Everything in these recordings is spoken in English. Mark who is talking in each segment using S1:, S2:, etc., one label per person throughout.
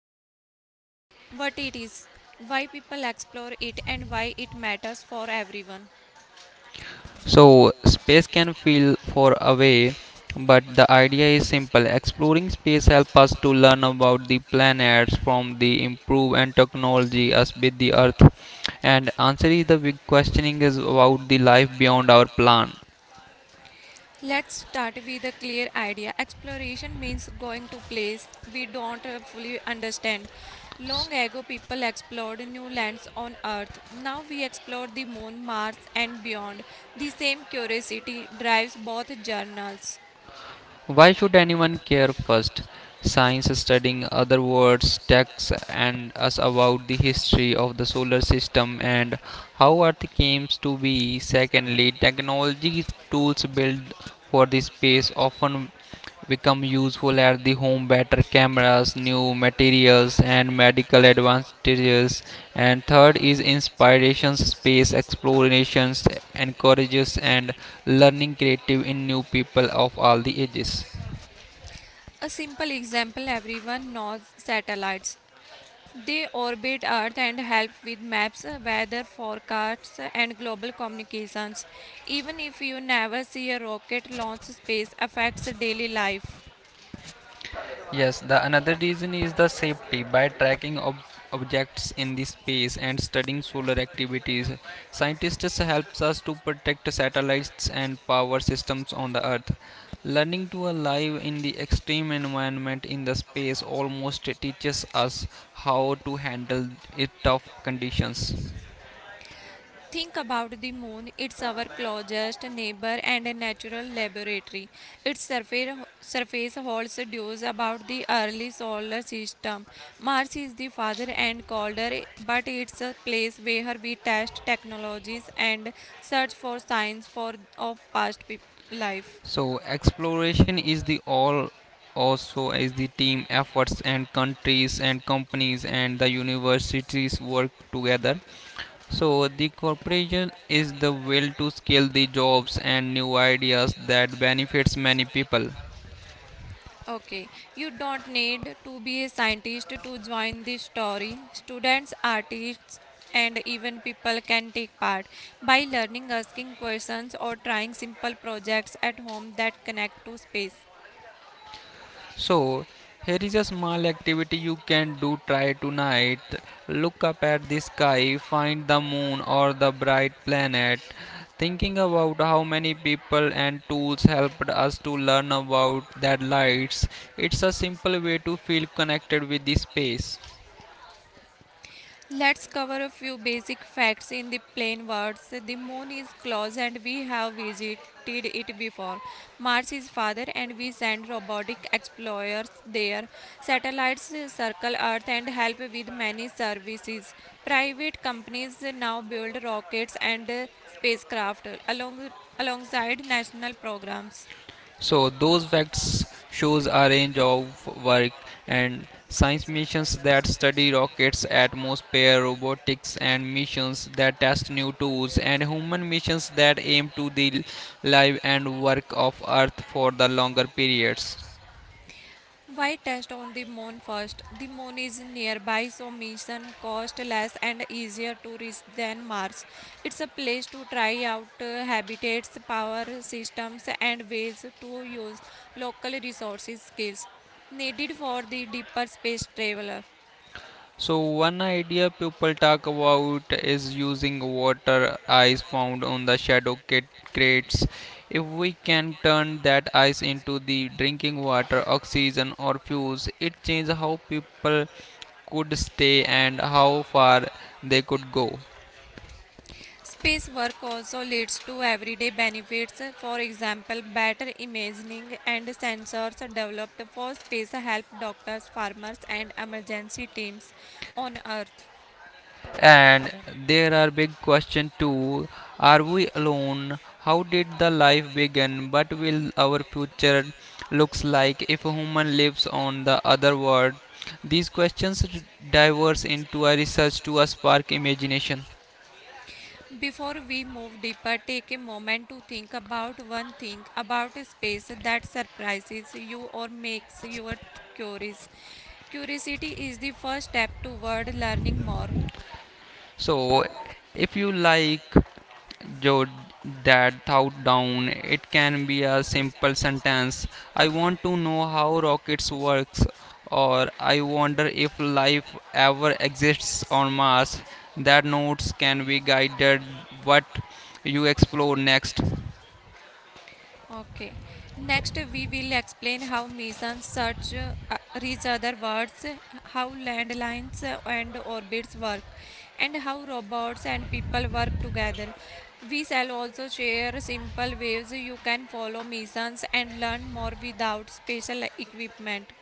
S1: talking about space, what it is, why people explore it, and why it matters for everyone.
S2: So, space can feel far away, but the idea is simple. Exploring space helps us to learn about the planets from the improve and technology us with the Earth. And answer is the big questioning is about the life beyond our plans.
S1: Let's start with a clear idea. Exploration means going to place we don't fully understand. Long ago people explored new lands on earth. Now we explore the moon, Mars and beyond. The same curiosity drives both journals.
S2: Why should anyone care first? Science studying other worlds texts and us about the history of the solar system and how Earth came to be. Secondly, technology tools built for the space often become useful at the home better cameras, new materials and medical advantages. And third is inspirations, space explorations encourages and learning creative in new people of all the ages.
S1: A simple example everyone knows satellites. They orbit Earth and help with maps, weather forecasts, and global communications. Even if you never see a rocket launch, space affects daily life.
S2: Yes, the another reason is the safety. By tracking objects in the space and studying solar activities, scientists helps us to protect satellites and power systems on the Earth. Learning to alive in the extreme environment in the space almost teaches us how to handle it tough conditions.
S1: Think about the moon. It's our closest neighbor and a natural laboratory. Its surface holds deuce about the early solar system. Mars is the father and colder, but it's a place where we test technologies and search for of past peop life.
S2: So exploration is the all also is the team efforts and countries and companies and the universities work together. So the corporation is the will to scale the jobs and new ideas that benefits many people.
S1: Okay, you don't need to be a scientist to join this story. Students, artists, and even people can take part by learning asking questions or trying simple projects at home that connect to space.
S2: So here is a small activity you can do try tonight. Look up at the sky, find the moon or the bright planet. Thinking about how many people and tools helped us to learn about that lights, it's a simple way to feel connected with the space.
S1: Let's cover a few basic facts in the plain words. The moon is close and we have visited it before. Mars is farther and we send robotic explorers there. Satellites circle Earth and help with many services. Private companies now build rockets and spacecraft alongside national programs.
S2: So those facts shows a range of work and science missions that study rockets, atmosphere, robotics and missions that test new tools and human missions that aim to the life and work of earth for the longer periods.
S1: Why test on the moon first? The moon is nearby, so mission cost less and easier to reach than Mars. It's a place to try out habitats, power systems, and ways to use local resources skills needed for the deeper space traveler.
S2: So one idea people talk about is using water ice found on the crates. If we can turn that ice into the drinking water, oxygen or fuels, it changes how people could stay and how far they could go.
S1: Space work also leads to everyday benefits. For example, better imaging and sensors developed for space help doctors, farmers, and emergency teams on Earth.
S2: And there are big question too. Are we alone? How did the life begin? What will our future looks like if a human lives on the other world? These diverge into a research to a spark imagination.
S1: Before we move deeper, take a moment to think about one thing about space that surprises you or makes you curious. Curiosity is the first step toward learning more.
S2: So if you like jot that thought down. It can be a simple sentence. I want to know how rockets works or I wonder if life ever exists on Mars. That notes can be guided what you explore next.
S1: Okay. Next, we will explain how missions search reach other worlds, how landlines and orbits work, and how robots and people work together. We shall also share simple ways you can follow missions and learn more without special equipment.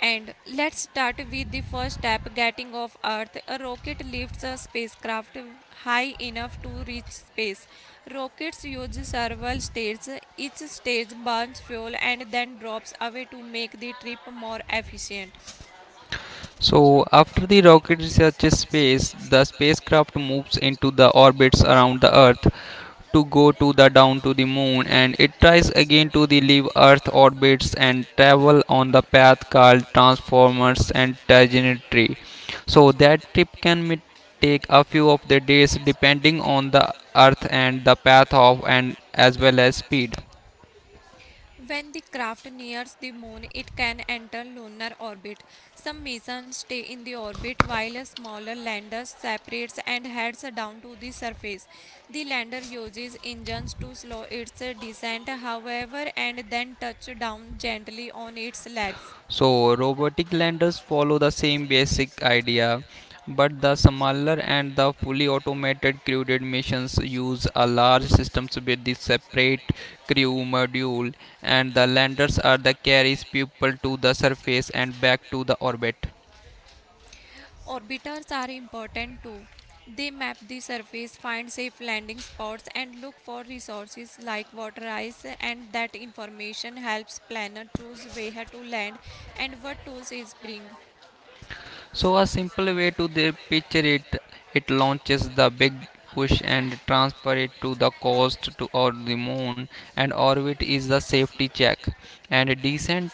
S1: And let's start with the first step getting off Earth. A rocket lifts a spacecraft high enough to reach space. Rockets use several stages. Each stage burns fuel and then drops away to make the trip more efficient.
S2: So after the rocket reaches space, the spacecraft moves into the orbits around the Earth to go to the down to the moon and it tries again to the leave earth orbits and travel on the path called transformers and trajectory, so that trip can take a few of the days depending on the earth and the path of and as well as speed.
S1: When the craft nears the moon, it can enter lunar orbit. Some missions stay in the orbit while a smaller lander separates and heads down to the surface. The lander uses engines to slow its descent, however, and then touches down gently on its legs.
S2: So robotic landers follow the same basic idea, but the smaller and the fully automated crewed missions use a large systems with the separate crew module, and the landers are the carries people to the surface and back to the orbit.
S1: Orbiters are important too. They map the surface, find safe landing spots, and look for resources like water ice, and that information helps planner choose where to land and what tools is bring.
S2: So a simple way to the picture it, it launches the big push and transfer it to the coast to or the moon, and orbit is the safety check and descent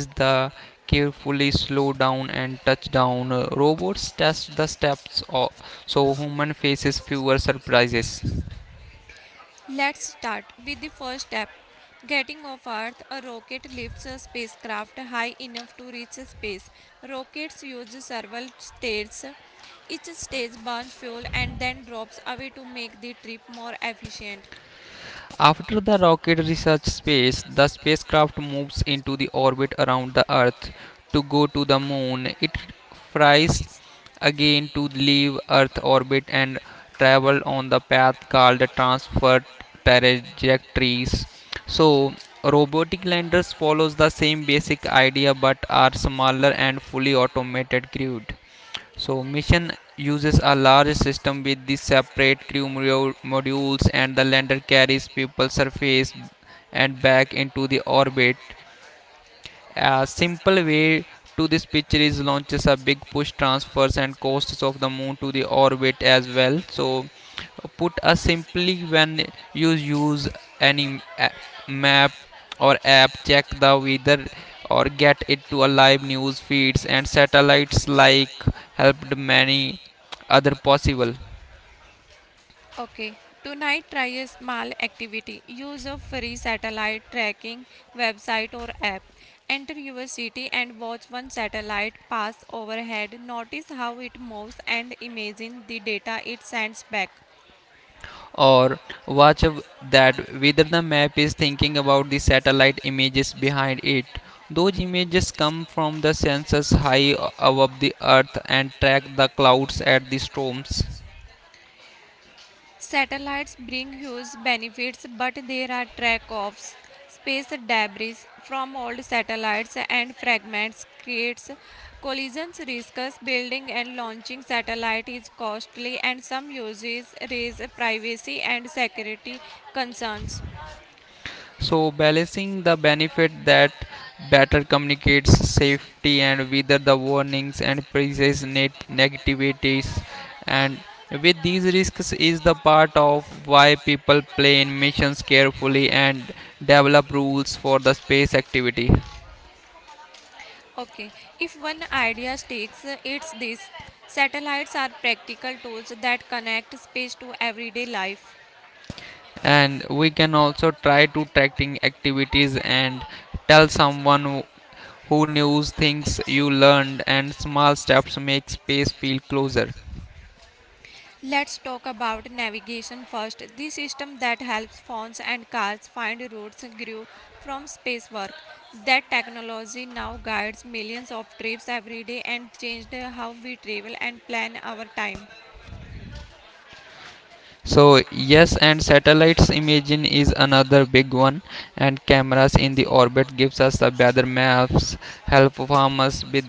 S2: is the carefully slow down and touchdown. Robots test the so human faces fewer surprises.
S1: Let's start with the first step. Getting off Earth, a rocket lifts a spacecraft high enough to reach space. Rockets use several stages. Each stage burns fuel and then drops away to make the trip more efficient.
S2: After the rocket reaches space, the spacecraft moves into the orbit around the Earth to go to the moon. It flies again to leave Earth orbit and travel on the path called transfer trajectories. So robotic landers follows the same basic idea but are smaller and fully automated grid. So mission uses a large system with the separate crew modules and the lander carries people surface and back into the orbit. A simple way to this picture is launches a big push transfers and costs of the moon to the orbit as well. So put a simply when you use any map or app check the weather or get it to a live news feeds and satellites like helped many other possible,
S1: Okay, tonight try a small activity. Use a free satellite tracking website or app. Enter your city and watch one satellite pass overhead. Notice how it moves and imagine the data it sends back.
S2: or watch of that whether the map is thinking about the satellite images behind it. Those images come from the sensors high above the earth and track the clouds at the storms.
S1: Satellites bring huge benefits, but there are track offs. Space debris from old satellites and fragments creates collisions risks. Building and launching satellite is costly, and some uses raise privacy and security concerns.
S2: So balancing the benefit that better communicates safety and whether the warnings and precise net negativities and with these risks is the part of why people plan missions carefully and develop rules for the space activity.
S1: Okay, if one idea sticks, it's this: satellites are practical tools that connect space to everyday life.
S2: And we can also try to tracking activities and tell someone who knows things you learned and small steps make space feel closer.
S1: Let's talk about navigation first. The system that helps phones and cars find routes grew from space work. That technology now guides millions of trips every day and changed how we travel and plan our time.
S2: So yes, and satellites imaging is another big one, and cameras in the orbit gives us the better maps, help farmers with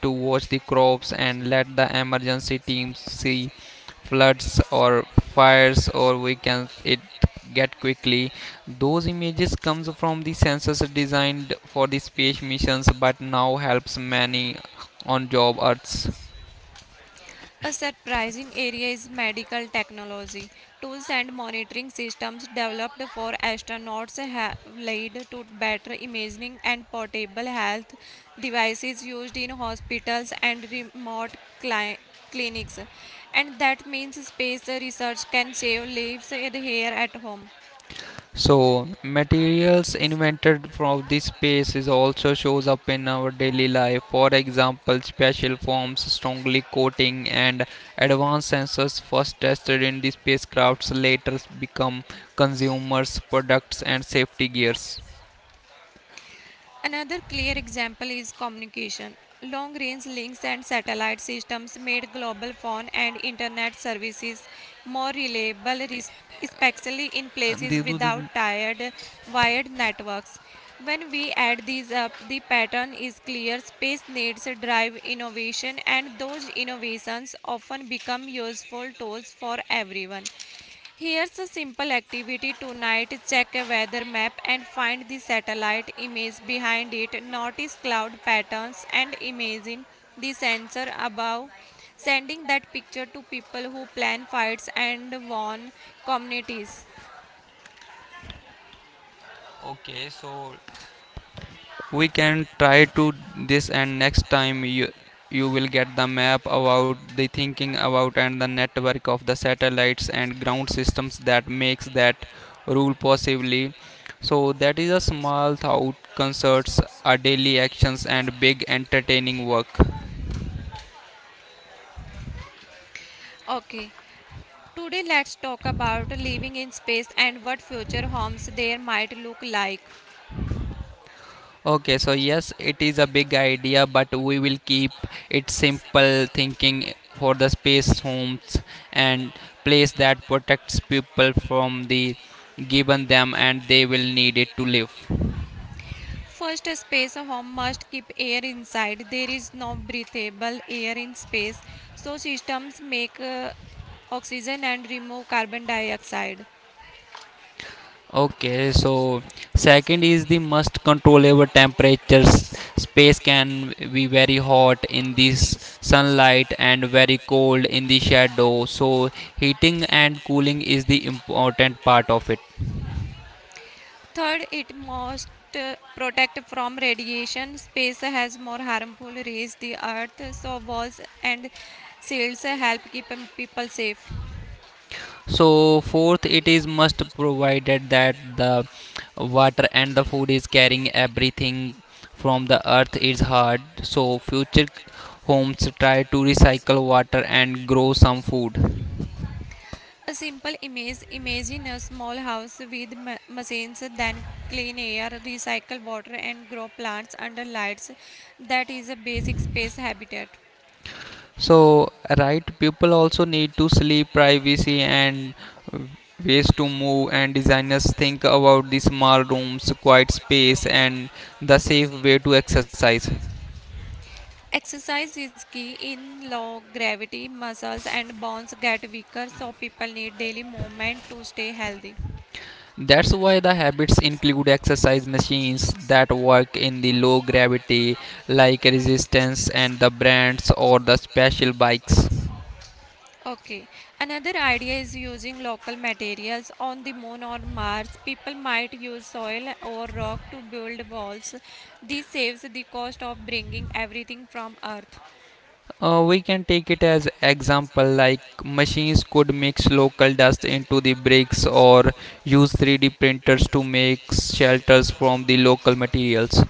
S2: to watch the crops and let the emergency teams see floods or fires or we can it get quickly. Those images comes from the sensors designed for the space missions but now helps many on job earths.
S1: A surprising area is medical technology. Tools and monitoring systems developed for astronauts have led to better imaging and portable health devices used in hospitals and remote clinics. And that means space research can save lives here at home.
S2: So materials invented from this space is also shows up in our daily life. For example, special forms, strongly coating, and advanced sensors first tested in the spacecrafts later become consumers products and safety gears.
S1: Another clear example is communication. Long range links and satellite systems made global phone and internet services more reliable, especially in
S2: And
S1: places
S2: they do
S1: without
S2: the-
S1: tired wired networks. When we add these up, the pattern is clear. Space needs drive innovation, and those innovations often become useful tools for everyone. Here's a simple activity tonight check a weather map and find the satellite image behind it. Notice cloud patterns and imagine the sensor above. Sending that picture to people who plan fights and warn communities.
S2: Okay, so we can try to this and next time you will get the map about the thinking about and the network of the satellites and ground systems that makes that rule possibly. So that is a small thought concerts our daily actions and big entertaining work.
S1: Okay, today let's talk about living in space and what future homes there might look like.
S2: Okay, so yes, it is a big idea, but we will keep it simple thinking for the space homes and place that protects people from the given them and they will need it to live.
S1: First, a space a home must keep air inside. There is no breathable air in space, so systems make oxygen and remove carbon dioxide.
S2: Okay, so second is the must control over temperatures. Space can be very hot in this sunlight and very cold in the shadow. So heating and cooling is the important part of it.
S1: Third, it must protect from radiation. Space has more harmful rays the earth, so walls and shields help keep people safe.
S2: So fourth, it is must provided that the water and the food is carrying everything from the earth is hard. So future homes try to recycle water and grow some food.
S1: A simple image imagine a small house with machines, then clean air, recycle water, and grow plants under lights. That is a basic space habitat.
S2: So right, people also need to sleep, privacy and uh, ways to move and designers think about the small rooms, quiet space and the safe way to exercise.
S1: Exercise is key in low gravity, muscles and bones get weaker, so people need daily movement to stay healthy.
S2: That's why the habits include exercise machines that work in the low gravity, like resistance and the brands or the special bikes.
S1: Okay. Another idea is using local materials on the moon or Mars. People might use soil or rock to build walls. This saves the cost of bringing everything from Earth.
S2: We can take it as example like machines could mix local dust into the bricks or use 3D printers to make shelters from the local materials.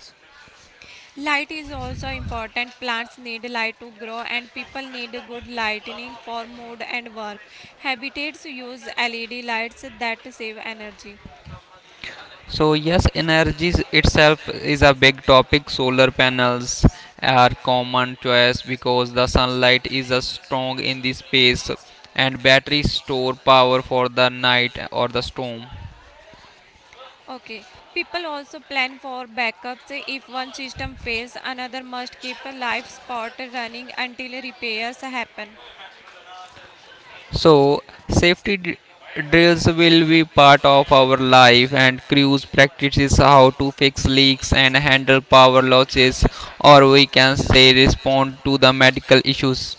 S1: Light is also important. Plants need light to grow, and people need good lighting for mood and work. Habitats use LED lights that save energy.
S2: So yes, energy itself is a big topic. Solar panels are common choice because the sunlight is a strong in the space and batteries store power for the night or the storm.
S1: Okay. People also plan for backups. If one system fails, another must keep a live spot running until repairs happen.
S2: So safety d- drills will be part of our life and crews practices how to fix leaks and handle power losses or we can say respond to the medical issues.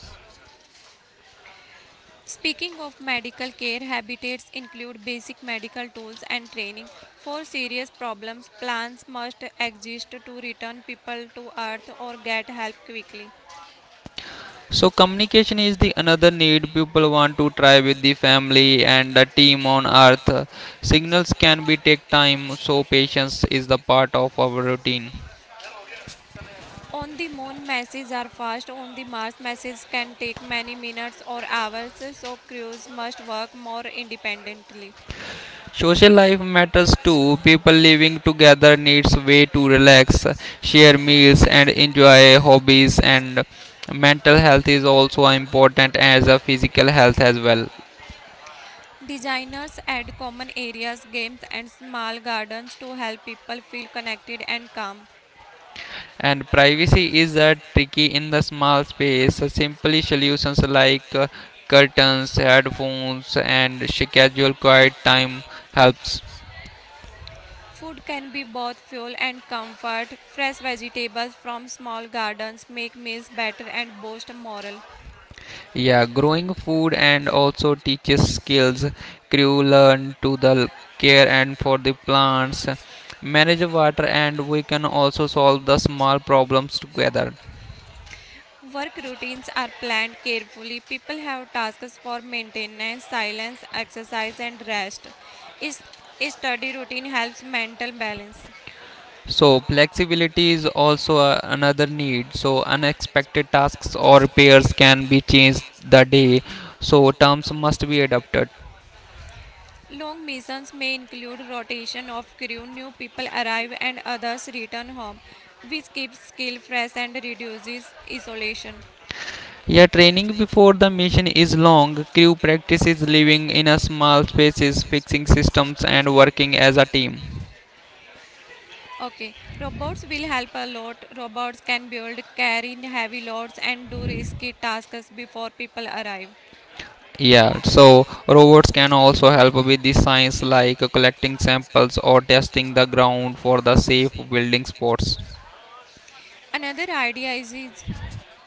S1: Speaking of medical care, habitats include basic medical tools and training. For serious problems, plans must exist to return people to Earth or get help quickly.
S2: So communication is the another need people want to try with the family and the team on earth. Signals can be take time, so patience is the part of our routine.
S1: On the moon, messages are fast. On the Mars, messages can take many minutes or hours, so crews must work more independently.
S2: Social life matters too. People living together needs way to relax, share meals and enjoy hobbies and mental health is also important as a physical health as well.
S1: Designers add common areas, games, and small gardens to help people feel connected and calm.
S2: And privacy is a tricky in the small space. Simply solutions like curtains headphones and schedule quiet time helps.
S1: Food can be both fuel and comfort. Fresh vegetables from small gardens make meals better and boost morale.
S2: Yeah, growing food and also teaches skills crew learn to the care and for the plants manage water and we can also solve the small problems together.
S1: Work routines are planned carefully. People have tasks for maintenance, silence, exercise, and rest. Is- Study routine helps mental balance.
S2: So flexibility is also a, another need. So unexpected tasks or repairs can be changed the day. So terms must be adapted.
S1: Long missions may include rotation of crew, new people arrive and others return home, which keeps skill fresh and reduces isolation.
S2: Yeah, training before the mission is long. Crew practices living in a small spaces, fixing systems and working as a team.
S1: Okay, robots will help a lot. Robots can build, carry heavy loads, and do risky tasks before people arrive.
S2: Yeah, so robots can also help with the science like collecting samples or testing the ground for the safe building spots.
S1: Another idea is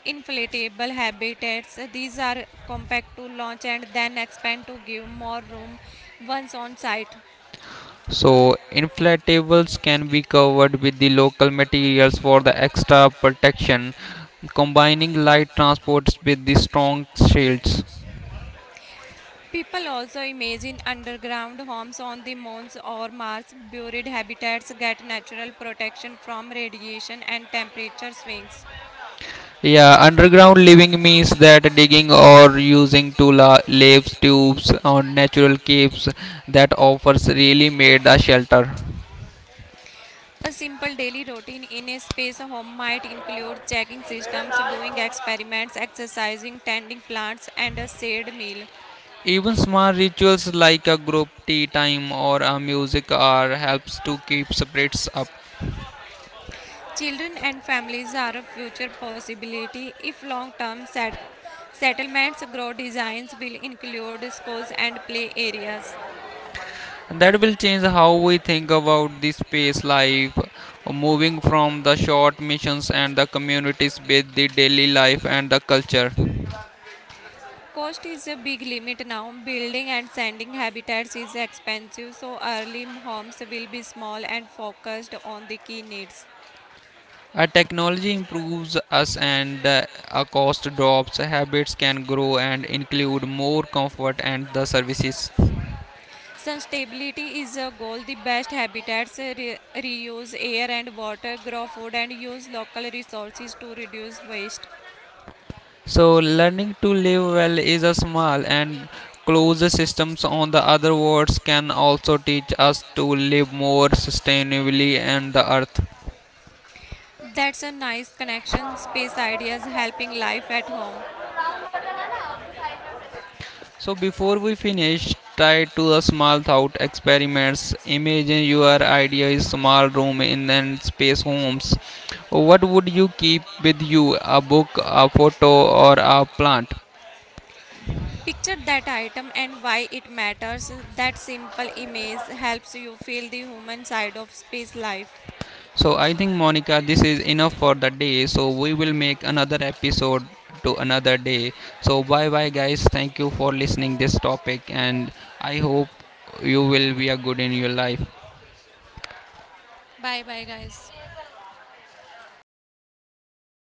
S1: inflatable habitats. These are compact to launch and then expand to give more room once on site.
S2: So inflatables can be covered with the local materials for the extra protection, combining light transports with the strong shields.
S1: People also imagine underground homes on the moons or Mars. Buried habitats get natural protection from radiation and temperature swings.
S2: Yeah, underground living means that digging or using to tubes or natural caves that offers really made a shelter.
S1: A simple daily routine in a space home might include checking systems, doing experiments, exercising, tending plants, and a shared meal.
S2: Even small rituals like a group tea time or a music hour helps to keep spirits up.
S1: Children and families are a future possibility if long term settlements grow designs will include schools and play areas.
S2: And that will change how we think about the space life moving from the short missions and the communities with the daily life and the culture.
S1: Cost is a big limit now. Building and sending habitats is expensive, so early homes will be small and focused on the key needs.
S2: A technology improves us and a cost drops habits can grow and include more comfort and the services.
S1: Sustainability is a goal. The best habitats reuse air and water, grow food, and use local resources to reduce waste.
S2: So learning to live well is a small and closed systems on the other words can also teach us to live more sustainably on the earth.
S1: That's a nice connection. Space ideas helping life at home.
S2: So before we finish, try to a small thought experiments. Imagine your idea is small room in an space homes. What would you keep with you? A book, a photo, or a plant?
S1: Picture that item and why it matters. That simple image helps you feel the human side of space life.
S2: So I think Monica, this is enough for the day. So we will make another episode to another day. So bye bye guys. Thank you for listening this topic and I hope you will be a good in your life.
S1: Bye bye, guys.